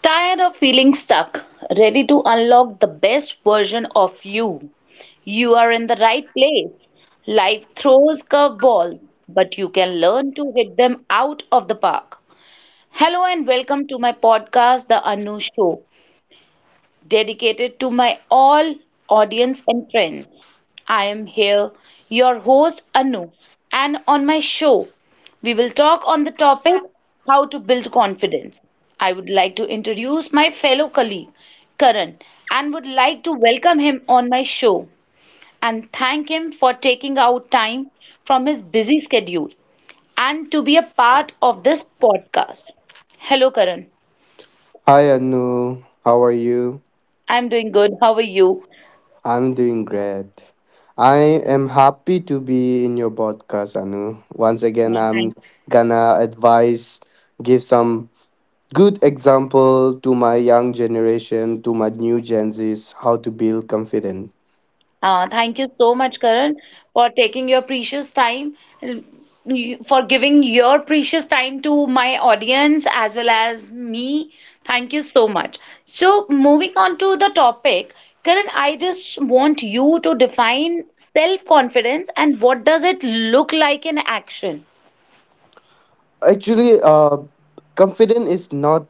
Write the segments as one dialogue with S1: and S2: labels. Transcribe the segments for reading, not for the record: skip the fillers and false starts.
S1: Tired of feeling stuck? Ready to unlock the best version of you? You are in the right place. Life throws curveballs, but you can learn to hit them out of the park. Hello and welcome to my podcast, The Anu Show, dedicated to my all audience and friends. I am here, your host Anu, and on my show, we will talk on the topic how to build confidence. I would like to introduce my fellow colleague Karan and would like to welcome him on my show and thank him for taking out time from his busy schedule and to be a part of this podcast. Hello Karan,
S2: Hi Anu, how are you?
S1: I'm doing good. How are you?
S2: I'm doing great. I am happy to be in your podcast, Anu. Once again, I'm gonna advise, give some good example to my young generation, to my new Gen Zs, how to build confidence.
S1: Thank you so much, Karan, for taking your precious time, for giving your precious time to my audience as well as me. Thank you so much. So, moving on to the topic, Karan, I just want you to define self-confidence and what does it look like in action?
S2: Actually, confidence is not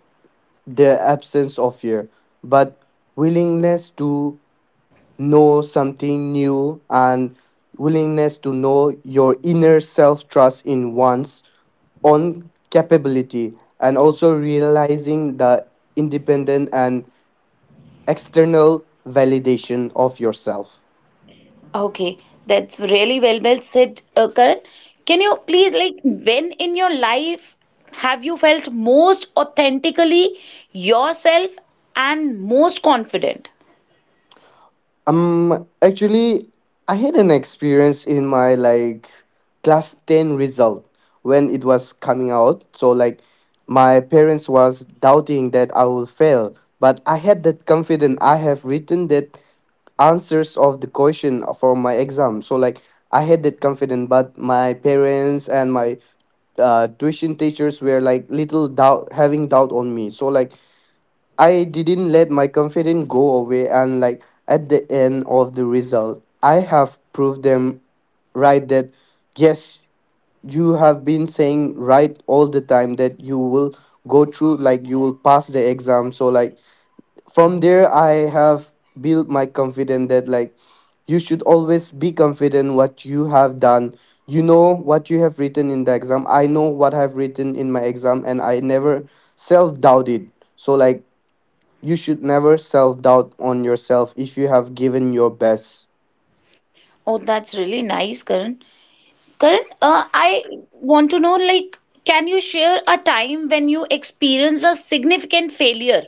S2: the absence of fear, but willingness to know something new, and willingness to know your inner self, trust in one's own capability, and also realizing the independent and external validation of yourself.
S1: Okay, that's really well said, Karan. Can you please, like, when in your life have you felt most authentically yourself and most confident?
S2: Actually, I had an experience in my, like, class 10 result. When it was coming out, so like, my parents was doubting that I will fail, but I had that confidence. I have written that answers of the question for my exam, so like, I had that confidence, but my parents and my tuition teachers were like little doubt, having doubt on me. So like, I didn't let my confidence go away, and like, at the end of the result, I have proved them right that yes, you have been saying right all the time that you will go through, like, you will pass the exam. So like, from there, I have built my confidence that like, you should always be confident what you have done, you know what you have written in the exam. I know what I've written in my exam, and I never self-doubted. So like, you should never self-doubt on yourself if you have given your best.
S1: Oh, that's really nice, Karan. Karan, I want to know, like, can you share a time when you experienced a significant failure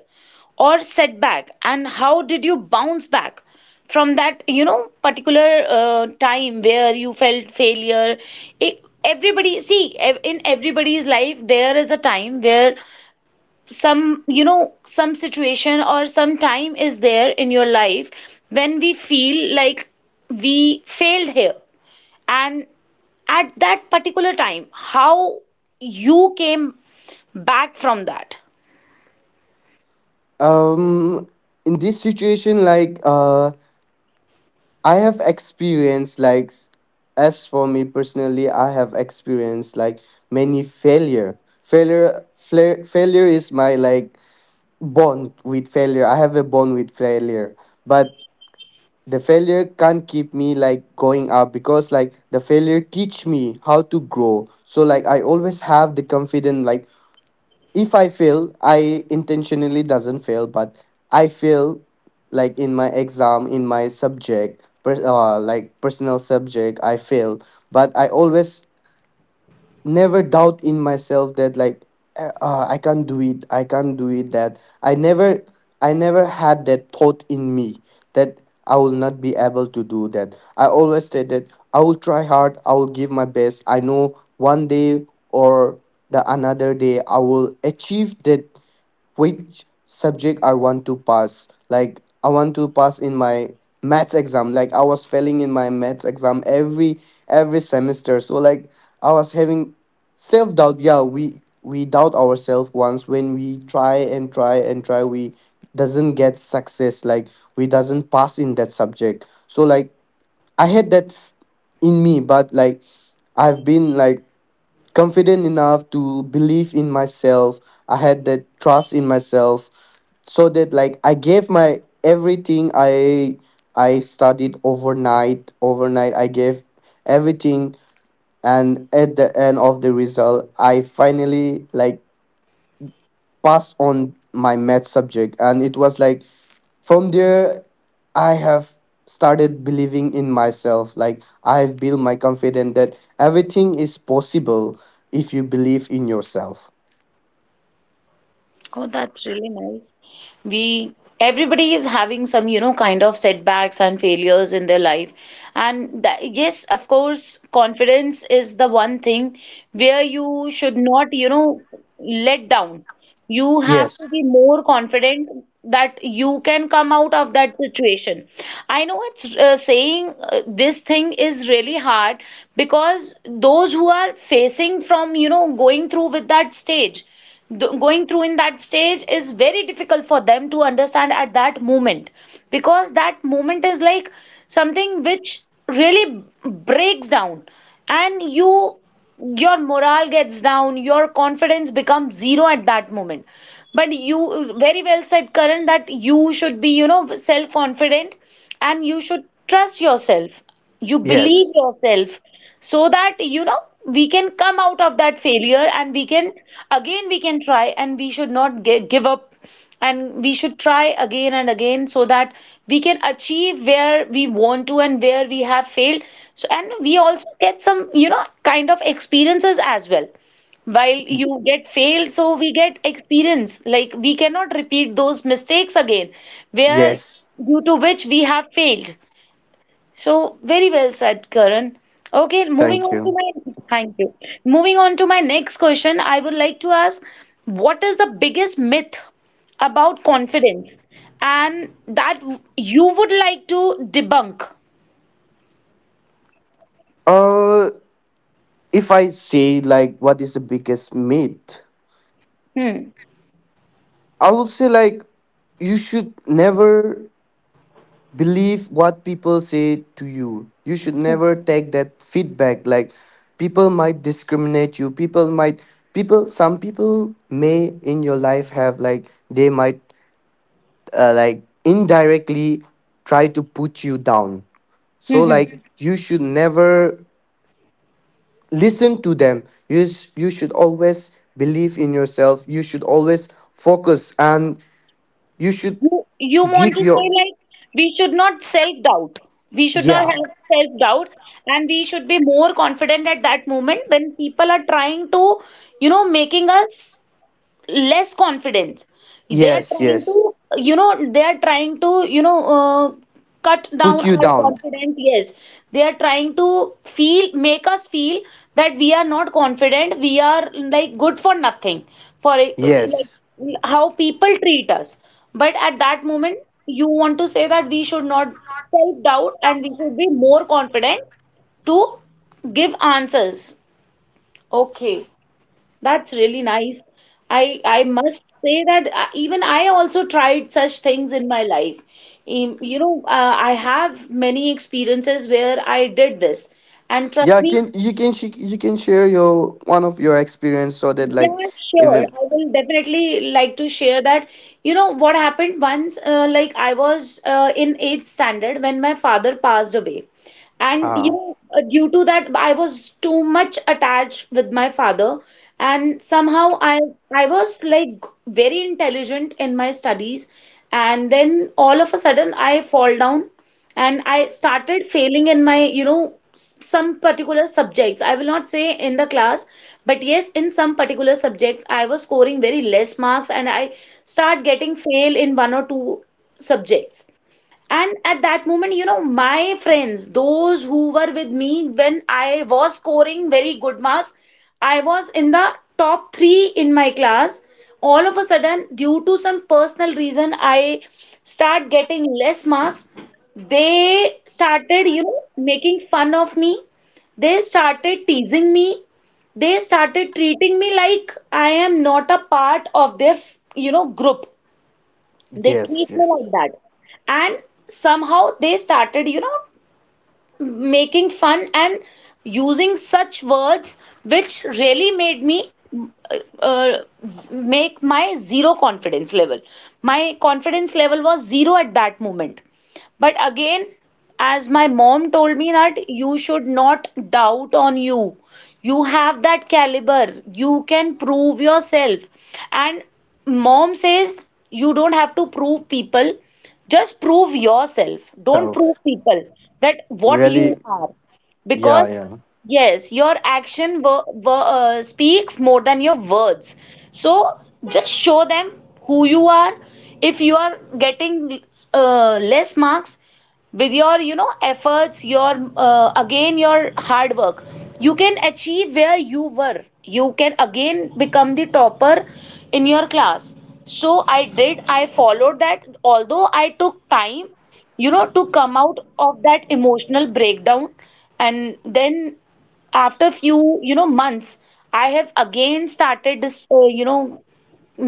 S1: or setback, and how did you bounce back from that, you know, particular time where you felt failure? Everybody, see, in everybody's life, there is a time where some, you know, some situation or some time is there in your life when we feel like we failed here. And at that particular time, how you came back from that.
S2: um in this situation, like, I have experienced like as for me personally, I have experienced like many failure. Failure is my, like, bond with failure. I have a bond with failure. But the failure can't keep me like going up, because like the failure teach me how to grow. So like, I always have the confidence like, if I fail, I intentionally doesn't fail, but I fail like in my exam, in my subject, like personal subject, I fail. But I always never doubt in myself that like, I can't do it, I can't do it, that I never, I never had that thought in me that I will not be able to do that. I always said that I will try hard, I will give my best. I know one day or the another day I will achieve that, which subject I want to pass. Like, I want to pass in my maths exam. Like, I was failing in my maths exam every semester. So like, I was having self doubt. Yeah, we doubt ourselves once when we try and try and try, we doesn't get success, like we doesn't pass in that subject. So like, I had that in me, but like, I've been like confident enough to believe in myself. I had that trust in myself, so that like, I gave my everything. I studied overnight. I gave everything, and at the end of the result, I finally like passed on my math subject. And it was like, from there, I have started believing in myself. Like, I've built my confidence that everything is possible if you believe in yourself.
S1: Oh, that's really nice. We Everybody is having some, you know, kind of setbacks and failures in their life. And that, yes, of course, confidence is the one thing where you should not, you know, let down. You have to
S2: Yes.
S1: be more confident that you can come out of that situation. I know it's, saying, this thing is really hard because those who are facing from, you know, going through with that stage, going through in that stage is very difficult for them to understand at that moment because that moment is like something which really breaks down, and your morale gets down, your confidence becomes zero at that moment. But, you very well said, Karan, that you should be, you know, self confident, and you should trust yourself, you
S2: Yes,
S1: believe yourself, so that you know we can come out of that failure, and we can again we can try, and we should not give up, and we should try again and again so that we can achieve where we want to and where we have failed. So, and we also get some, you know, kind of experiences as well while you get failed, so we get experience like we cannot repeat those mistakes again where
S2: yes.
S1: due to which we have failed. So, very well said, Karan. Okay, moving
S2: Thank
S1: on to
S2: you.
S1: my thank you. Moving on to my next question, I would like to ask, what is the biggest myth about confidence, and that you would like to debunk?
S2: uh if I say like what is the biggest myth,
S1: Hmm.
S2: I would say like, you should never believe what people say to you. You should never take that feedback. Like, people might discriminate you, people might, people, some people may in your life have like they might like, indirectly try to put you down. So
S1: Mm-hmm.
S2: like, you should never listen to them. You should always believe in yourself, you should always focus, and you should
S1: You want
S2: give
S1: to say,
S2: your
S1: like, we should not self-doubt. We should not
S2: yeah.
S1: have self-doubt, and we should be more confident at that moment when people are trying to, you know, making us less confidence, they are
S2: Yes,
S1: trying
S2: yes,
S1: to, you know, they are trying to cut down
S2: put you
S1: our
S2: down.
S1: confidence, yes, they are trying to feel, make us feel that we are not confident, we are like good for nothing for,
S2: Yes.
S1: like, how people treat us. But at that moment, you want to say that we should not self doubt, and we should be more confident to give answers. Okay, that's really nice. I must say that even I also tried such things in my life. I have many experiences where I did this, and trust
S2: Yeah,
S1: me.
S2: can you can you can share your one of your experience so that like
S1: Yeah, sure.
S2: even
S1: I will definitely like to share that. You know what happened once, like I was in eighth standard when my father passed away. And you
S2: uh
S1: know, due to that, I was too much attached with my father, and somehow I was like very intelligent in my studies, and then all of a sudden I fall down, and I started failing in my, you know, some particular subjects. I will not say in the class, but yes, in some particular subjects I was scoring very less marks, and I start getting fail in one or two subjects. And at that moment, you know, my friends, those who were with me when I was scoring very good marks, I was in the top three in my class. All of a sudden, due to some personal reason, I start getting less marks. They started, you know, making fun of me. They started teasing me. They started treating me like I am not a part of their, you know, group, they
S2: yes,
S1: treat me
S2: yes,
S1: like that. And somehow they started, you know, making fun and using such words which really made me uh, uh, make my zero confidence level. My confidence level was zero at that moment. But again, as my mom told me that you should not doubt on you. You have that caliber. You can prove yourself. And mom says you don't have to prove people. Just prove yourself. Don't prove
S2: self,
S1: people that what
S2: really,
S1: you are. Because
S2: yeah, yeah,
S1: yes, your action speaks more than your words. So just show them who you are. If you are getting less marks with your, you know, efforts, your again, your hard work, you can achieve where you were. You can again become the topper in your class. So I did. I followed that. Although I took time, you know, to come out of that emotional breakdown, and then after few, you know, months, I have again started this, you know,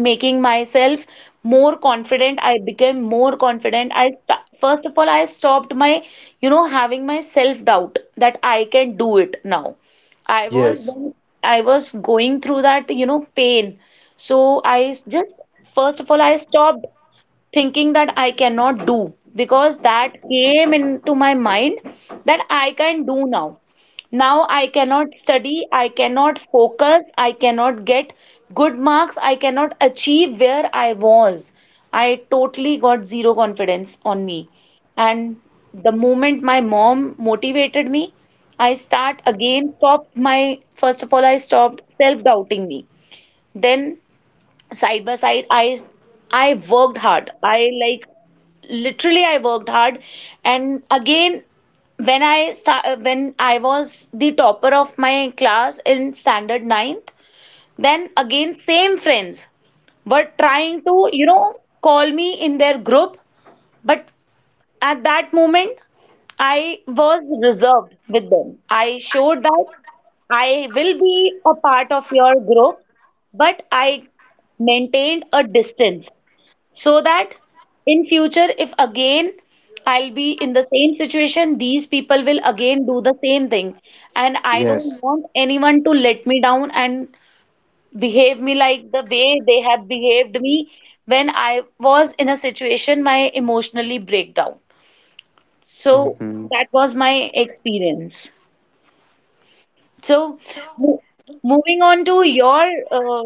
S1: making myself more confident. I became more confident. I first of all I stopped my, you know, having my self doubt that I can do it now. i was
S2: yes,
S1: then I was going through that, you know, pain. So I just first of all I stopped thinking that I cannot do because that came into my mind that I can do now. Now I cannot study, I cannot focus, I cannot get good marks, I cannot achieve where I was. I totally got zero confidence on me. And the moment my mom motivated me, I start again, stopped my, first of all, I stopped self-doubting me. Then side by side, I worked hard. I, like, literally I worked hard, and again, when I start, when I was the topper of my class in standard ninth, then again same friends were trying to, you know, call me in their group, but at that moment I was reserved with them. I showed that I will be a part of your group, but I maintained a distance so that in future if again I'll be in the same situation, these people will again do the same thing, and I
S2: yes.
S1: don't want anyone to let me down and behave me like the way they have behaved me when I was in a situation, my emotionally breakdown. So
S2: Mm-hmm.
S1: that was my experience. So, mo- moving on to your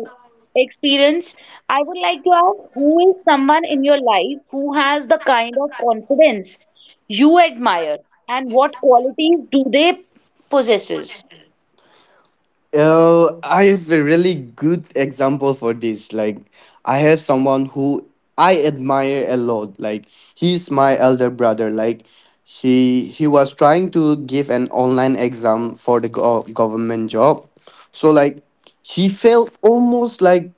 S1: experience, I would like to ask, who is someone in your life who has the kind of confidence you admire, and what qualities do they possesses?
S2: Oh, I have a really good example for this. Like, I have someone who I admire a lot. Like, he's my elder brother. Like, he was trying to give an online exam for the government job. So like, he failed almost like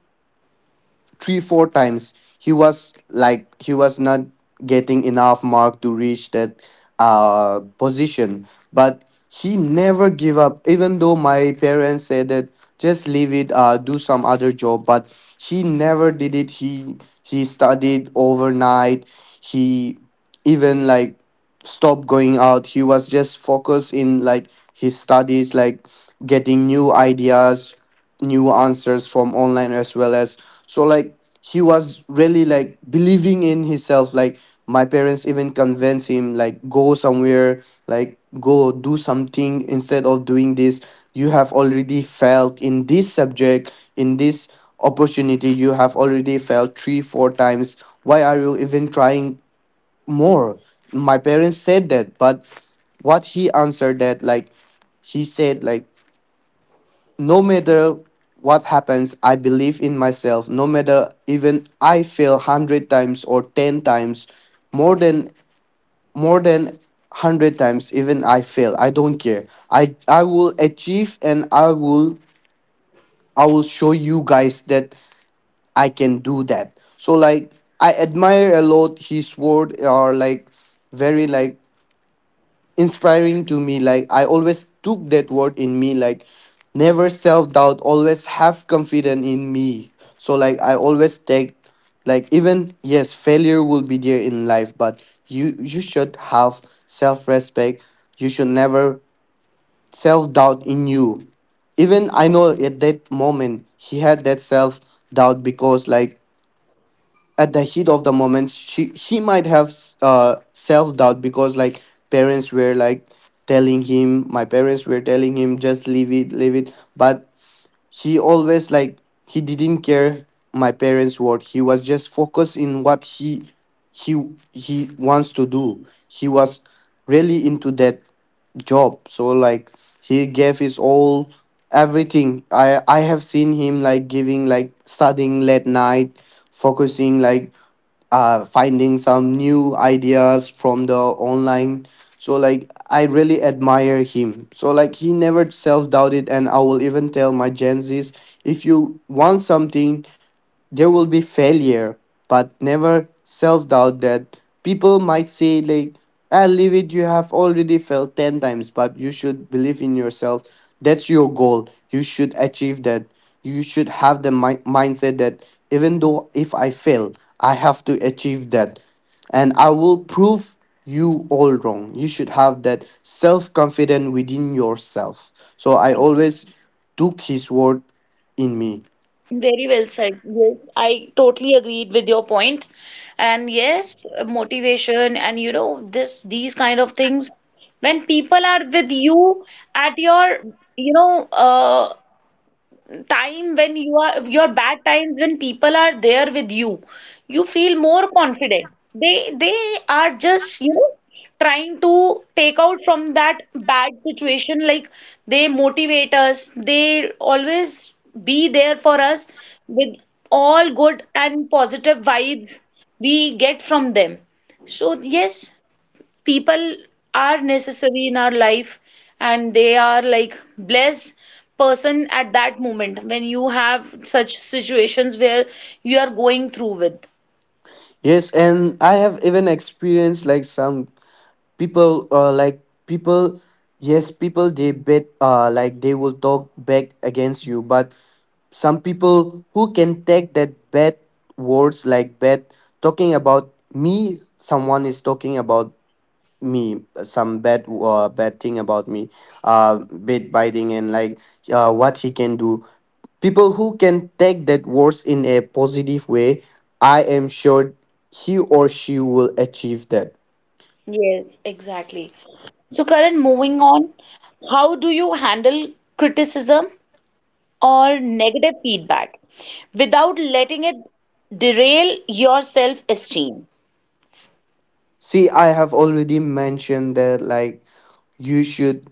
S2: 3 or 4 times. He was like, he was not getting enough mark to reach that position, but he never give up. Even though my parents said that just leave it, do some other job, but he never did it. He studied overnight. He, even like, stopped going out. He was just focused in like his studies, like getting new ideas, new answers from online as well as. So like, he was really like believing in himself. Like, my parents even convinced him like, go somewhere, like go do something instead of doing this. You have already failed in this subject, in this opportunity you have already failed 3 or 4 times. Why are you even trying more? My parents said that, but what he answered that like, he said like, no matter what happens, I believe in myself. No matter even I fail 100 times or 10 times, more than more than 100 times even I fail, I don't care. I will achieve, and I will show you guys that I can do that. So like, I admire a lot his word, or like, very like inspiring to me. Like, I always took that word in me, like, never self doubt, always have confidence in me. So like, I always take like, even yes, failure will be there in life, but you should have self respect. You should never self doubt in you. Even I know at that moment he had that self doubt, because like, at the heat of the moment, she he might have self doubt, because like, parents were like telling him, my parents were telling him just leave it, leave it, but he always like, he didn't care. My parents word, he was just focused in what he he wants to do. He was really into that job. So like, he gave his all, everything. I have seen him like giving like studying late night, focusing like, finding some new ideas from the online. So like, I really admire him. So like, he never self doubted, and I will even tell my Gen Zs, if you want something, there will be failure, but never self doubt that people might say, like, ah, leave it, you have already failed 10 times, but you should believe in yourself. That's your goal. You should achieve that. You should have the mindset that even though if I fail, I have to achieve that. And I will prove you all wrong. You should have that self confidence within yourself. So I always
S1: Exactly.
S2: took his word in me.
S1: Very well said. Yes, I totally agreed with your point. And yes, motivation and this these kind of things when people are with you at your, you know, time when you are your bad times, when people are there with you, you feel more confident. They are just, you know, trying to take out from that bad situation, like they motivate us, they always be there for us with all good and positive vibes we get from them. So yes, people are necessary in our life, and they are like blessed person at that moment when you have such situations where you are going through with.
S2: Yes, and I have even experienced like some people, like people, yes, people they bet, like, they will talk back against you, but some people who can take that bad words, like bad talking about me, someone is talking about me, some bad, bad thing about me, uh, bit biting and like, what he can do. People who can take that words in a positive way, I am sure he or she will achieve that.
S1: Yes, exactly. So Karan, moving on, how do you handle criticism or negative feedback without letting it derail your self-esteem?
S2: See, I have already mentioned that like, you should,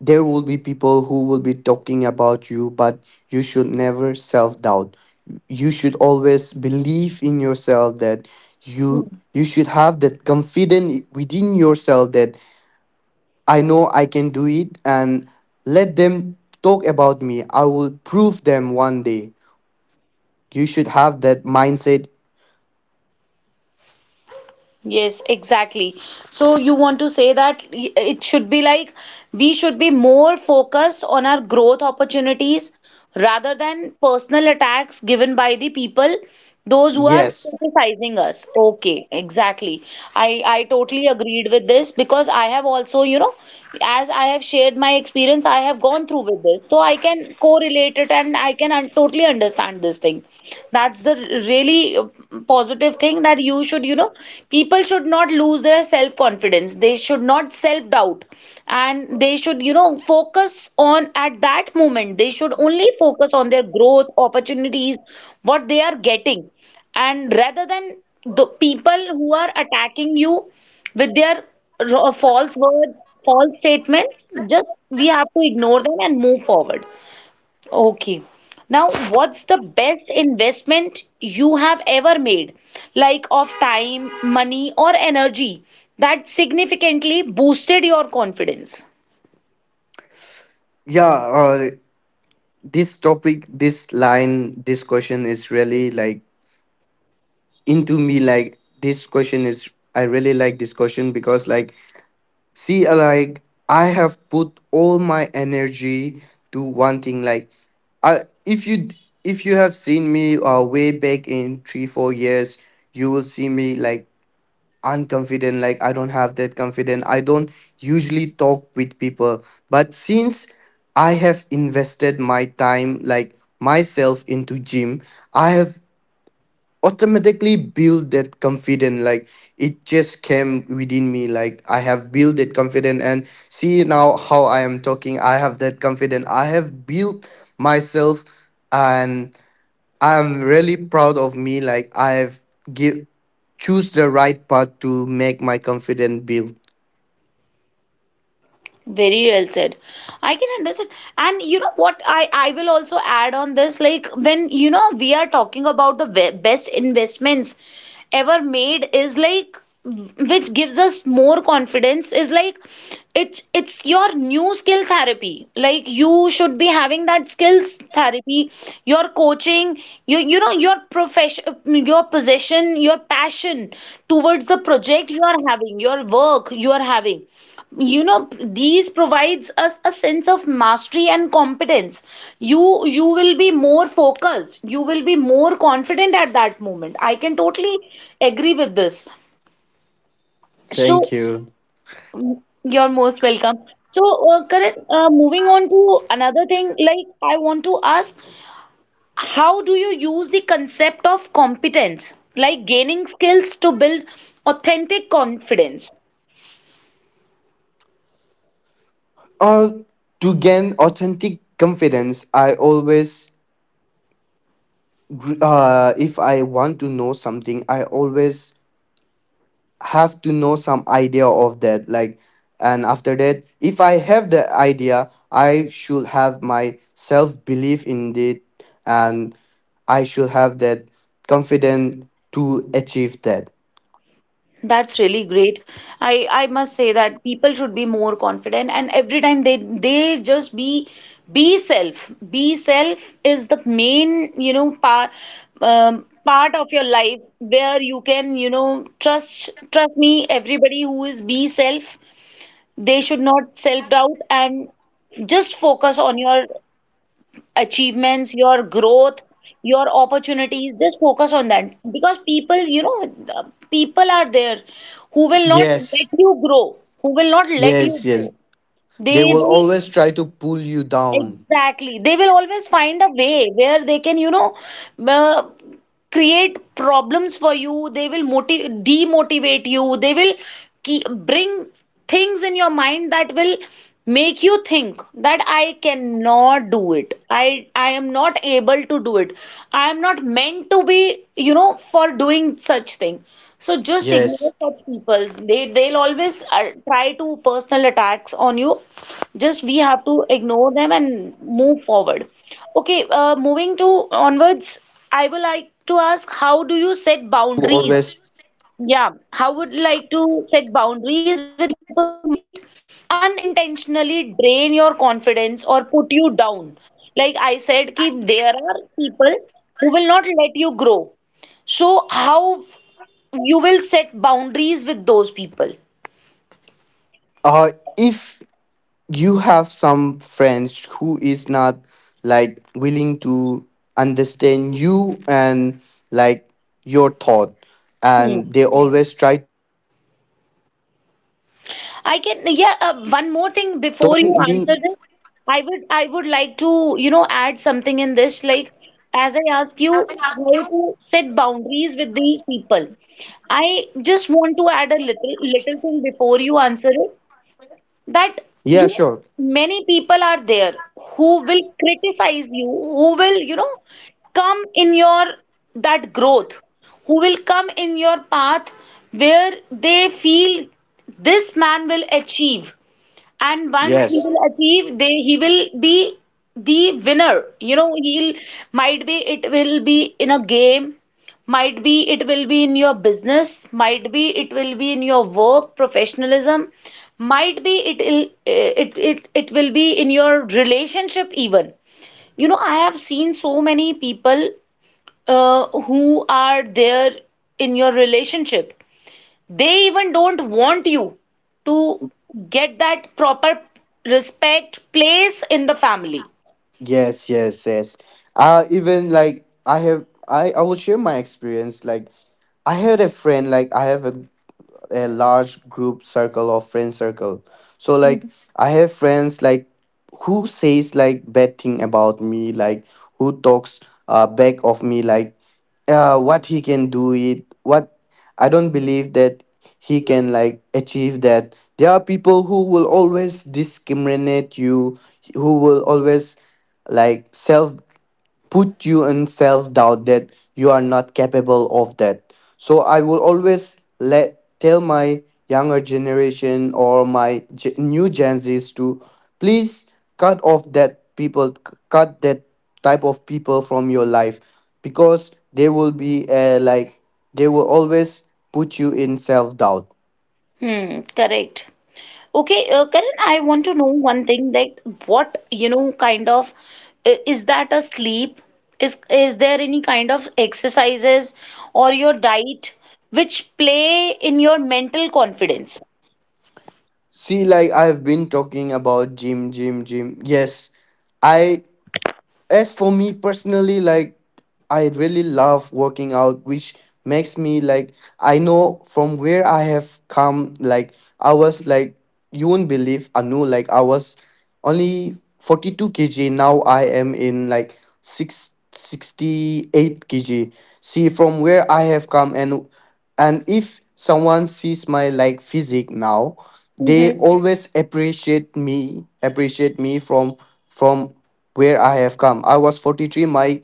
S2: there will be people who will be talking about you, but you should never self doubt. You should always believe in yourself, that you you should have that confidence within yourself that I know I can do it, and let them talk about me. I will prove them one day. You should have that mindset.
S1: Yes, exactly. So you want to say that it should be like we should be more focused on our growth opportunities rather than personal attacks given by the people, those who are
S2: Yes.
S1: criticizing us. Okay, exactly. I totally agreed with this because I have also, you know, as I have shared my experience, I have gone through with this, so I can correlate it and I can un totally understand this thing. That's the really positive thing that you should, you know, people should not lose their self-confidence. They should not self-doubt, and they should, you know, focus on at that moment. They should only focus on their growth, opportunities, what they are getting, and rather than the people who are attacking you with their false words, false statement, just we have to ignore them and move forward. Okay. Now, what's the best investment you have ever made, like of time, money, or energy that significantly boosted your confidence?
S2: Yeah, this topic, this line, this question is really like into me. Like, this question is, I really like this question, because like, see, like, I have put all my energy to one thing. Like, I, if you, if you have seen me way back in 3 or 4 years, you will see me like unconfident. Like, I don't have that confident, I don't usually talk with people, but since I have invested my time, like myself into gym, I have automatically built that confidence. Like, it just came within me. Like, I have built that confidence, and see now how I am talking. I have that confidence, I have built myself. And I'm really proud of me. Like, I've give choose the right path to make my confidence build.
S1: Very well said. I can understand. And you know what? I will also add on this like when you know we are talking about the best investments ever made is like which gives us more confidence is like it's your new skill therapy like you should be having that skills therapy your coaching you know your profession your possession your passion towards the project you are having your work you are having you know these provides us a sense of mastery and competence you will be more focused you will be more confident at that moment I can totally agree with this
S2: Thank
S1: so
S2: you.
S1: mm, you're most welcome. So Karan, moving on to another thing like I want to ask how do you use the concept of competence like gaining skills to build authentic confidence.
S2: Uh, to gain authentic confidence, I always if I want to know something, I always have to know some idea of that. Like, and after that, if I have the idea, I should have my self belief in it, and I should have that confidence to achieve that.
S1: That's really great. I must say that people should be more confident and every time they just be self. Be self is the main, you know, part part of your life where you can, you know, trust me, everybody who is be self, they should not self doubt and just focus on your achievements, your growth, your opportunities. Just focus on that because people, you know, the people are there who will not
S2: Yes,
S1: let you grow, who will not let
S2: yes,
S1: you
S2: yes.
S1: grow. They
S2: They will
S1: will.
S2: always try to pull you down.
S1: Exactly. They will always find a way where they can, you know, uh, create problems for you. They will motiv demotivate you. They will keep, bring things in your mind that will make you think that I cannot do it. I am not able to do it. I am not meant to be, you know, for doing such thing. So just
S2: Yes.
S1: ignore such peoples. They they'll always try to personal attacks on you just we have to ignore them and move forward. Okay, moving to onwards, I would like to ask how do you set boundaries?
S3: Always,
S1: Yeah, how would you like to set boundaries with people who might unintentionally drain your confidence or put you down? Like I said, ki there are people who will not let you grow. So how you will set boundaries with those people?
S3: uh if you have some friends who is not like willing to understand you and like your thought,
S1: Hmm.
S3: and they always try
S1: I can, yeah, one more thing before you answer
S4: Mean
S1: this. I would like to, you know, add something in this. Like, as I ask you how to set boundaries with these people, I just want to add a little, little thing before you answer it that
S4: Yeah,
S1: you
S4: sure.
S1: know many people are there who will criticize you who will you know come in your that growth who will come in your path where they feel this man will achieve and once
S4: Yes,
S1: he will achieve they he will be the winner you know he'll might be it will be in a game might be it will be in your business might be it will be in your work professionalism might be it will it will be in your relationship even you know I have seen so many people who are there in your relationship they even don't want you to get that proper respect place in the family
S4: yes, yes, yes. Even like I have I will share my experience, like I had a friend, like. I have a large group circle or friend circle. So like I have friends like who says like bad thing about me, like who talks back of me, like what he can do it, what I don't believe that he can like achieve that. There are people who will always discriminate you, who will always like self put you in self doubt that you are not capable of that. So I will always let tell my younger generation or my new Gen Zs to please cut off that people, cut that type of people from your life, because they will be like they will always put you in self doubt.
S1: hmm correct. Okay, Karan, I want to know one thing that what you know kind of is that a sleep is there any kind of exercises or your diet which play in your mental confidence.
S4: See, like I've been talking about gym, gym, gym. Yes, I as for me personally, like I really love working out, which makes me like I know from where I have come, like I was like, you won't believe, Anu, like I was only 42 kg. Now I am in like six sixty eight 68 kg. See from where I have come. And if someone sees my like physique now, they
S1: Hmm.
S4: always appreciate me, appreciate me from where I have come. I was 43. My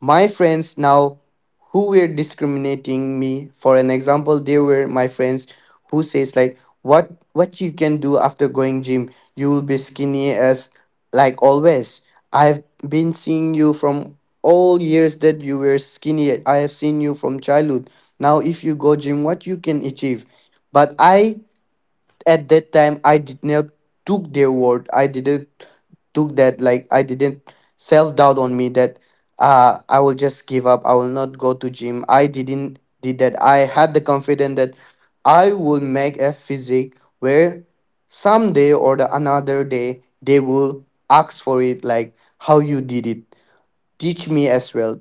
S4: my friends now who were discriminating me. For an example, there were my friends who says like what you can do after going gym. You will be skinny as like always. I've been seeing you from all years that you were skinny. I have seen you from childhood. Now if you go gym, what you can achieve? But I at that time I did not took their word, I didn't took that, like I didn't self-doubt on me that I will just give up, I will not go to gym. I didn't did that. I had the confidence that I will make a physique where someday or the another day they will ask for it, like how you did it, teach me as well.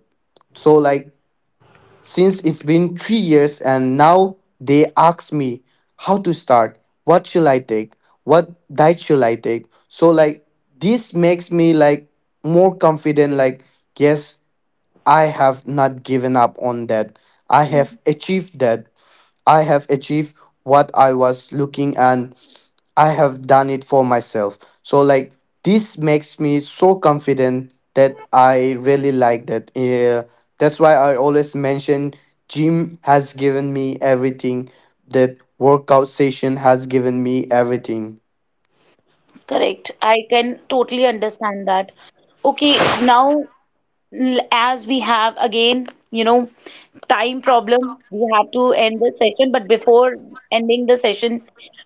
S4: So like since it's been 3 years and now they ask me how to start, what shall I take, what diet shall I take. So like this makes me like more confident, like yes, I have not given up on that. I have achieved that. I have achieved what I was looking, and I have done it for myself. So like this makes me so confident that I really like that. Yeah, that's why I always mention gym has given me everything. That workout session has given me everything.
S1: Correct. I can totally understand that. Okay, now as we have again, you know, time problem, we have to end the session. But before ending the session,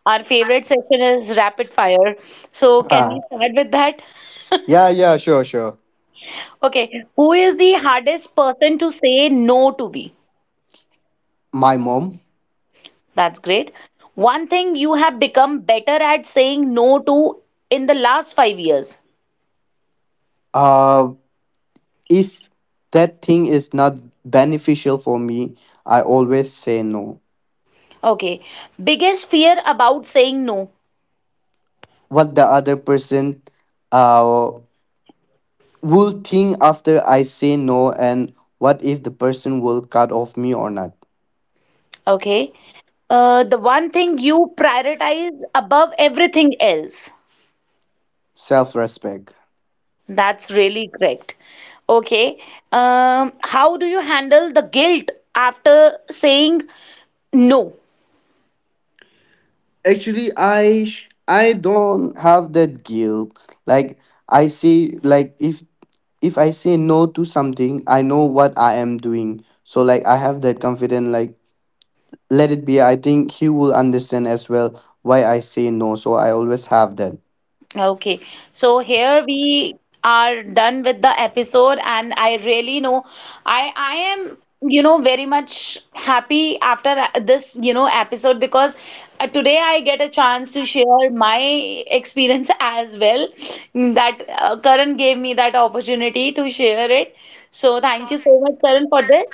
S1: our favorite session is rapid fire. So can we
S4: Ah.
S1: start with that?
S4: Yeah, yeah, sure, sure.
S1: Okay. Who is the hardest person to say no to be?
S4: My mom.
S1: That's great. One thing you have become better at saying no to in the last 5 years.
S4: Uh, If that thing is not beneficial for me, I always say no.
S1: Okay. Biggest fear about saying no.
S4: What the other person uh, will think after I say no, and what if the person will cut off me or not?
S1: Okay. The one thing you prioritize above everything else.
S4: Self respect.
S1: That's really correct. Okay. How do you handle the guilt after saying no?
S4: Actually, I don't have that guilt. Like I see, like if I say no to something, I know what I am doing. So like I have that confidence. Like let it be. I think he will understand as well why I say no. So I always have that.
S1: Okay, so here we are done with the episode, and I really know I am you know very much happy after this you know episode because today I get a chance to share my experience as well mm, that Karan gave me that opportunity to share it. So thank you so much, Karan, for this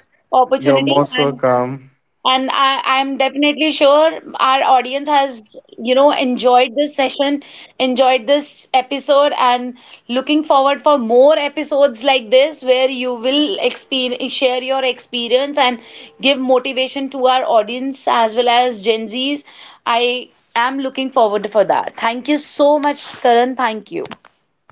S4: You're
S1: opportunity
S4: most welcome.
S1: and I'm definitely sure our audience has, you know, enjoyed this session, enjoyed this episode, and looking forward for more episodes like this where you will experience, share your experience and give motivation to our audience as well as Gen Zs. I am looking forward for that. Thank you so much, Karan. Thank you.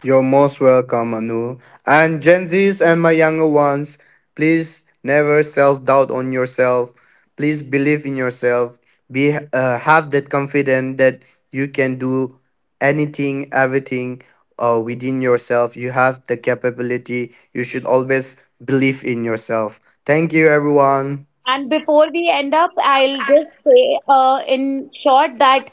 S4: You're most welcome, Anu. And Gen Zs and my younger ones, please never self doubt on yourself. Please believe in yourself. Be Have that confidence that you can do anything, everything within yourself. You have the capability. You should always believe in yourself. Thank you, everyone.
S1: And before we end up, I'll just say in short that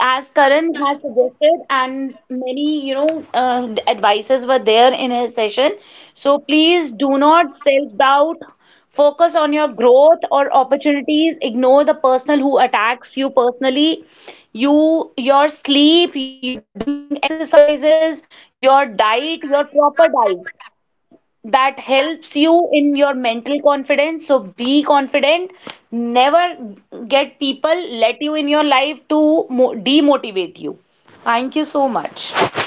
S1: as Karan has suggested, and many, you know, advices were there in his session. So please do not self-doubt. Focus on your growth or opportunities. Ignore the person who attacks you personally. You, your sleep, your doing exercises, your diet, your proper diet that helps you in your mental confidence. So be confident. Never get people let you in your life to demotivate you. Thank you so much.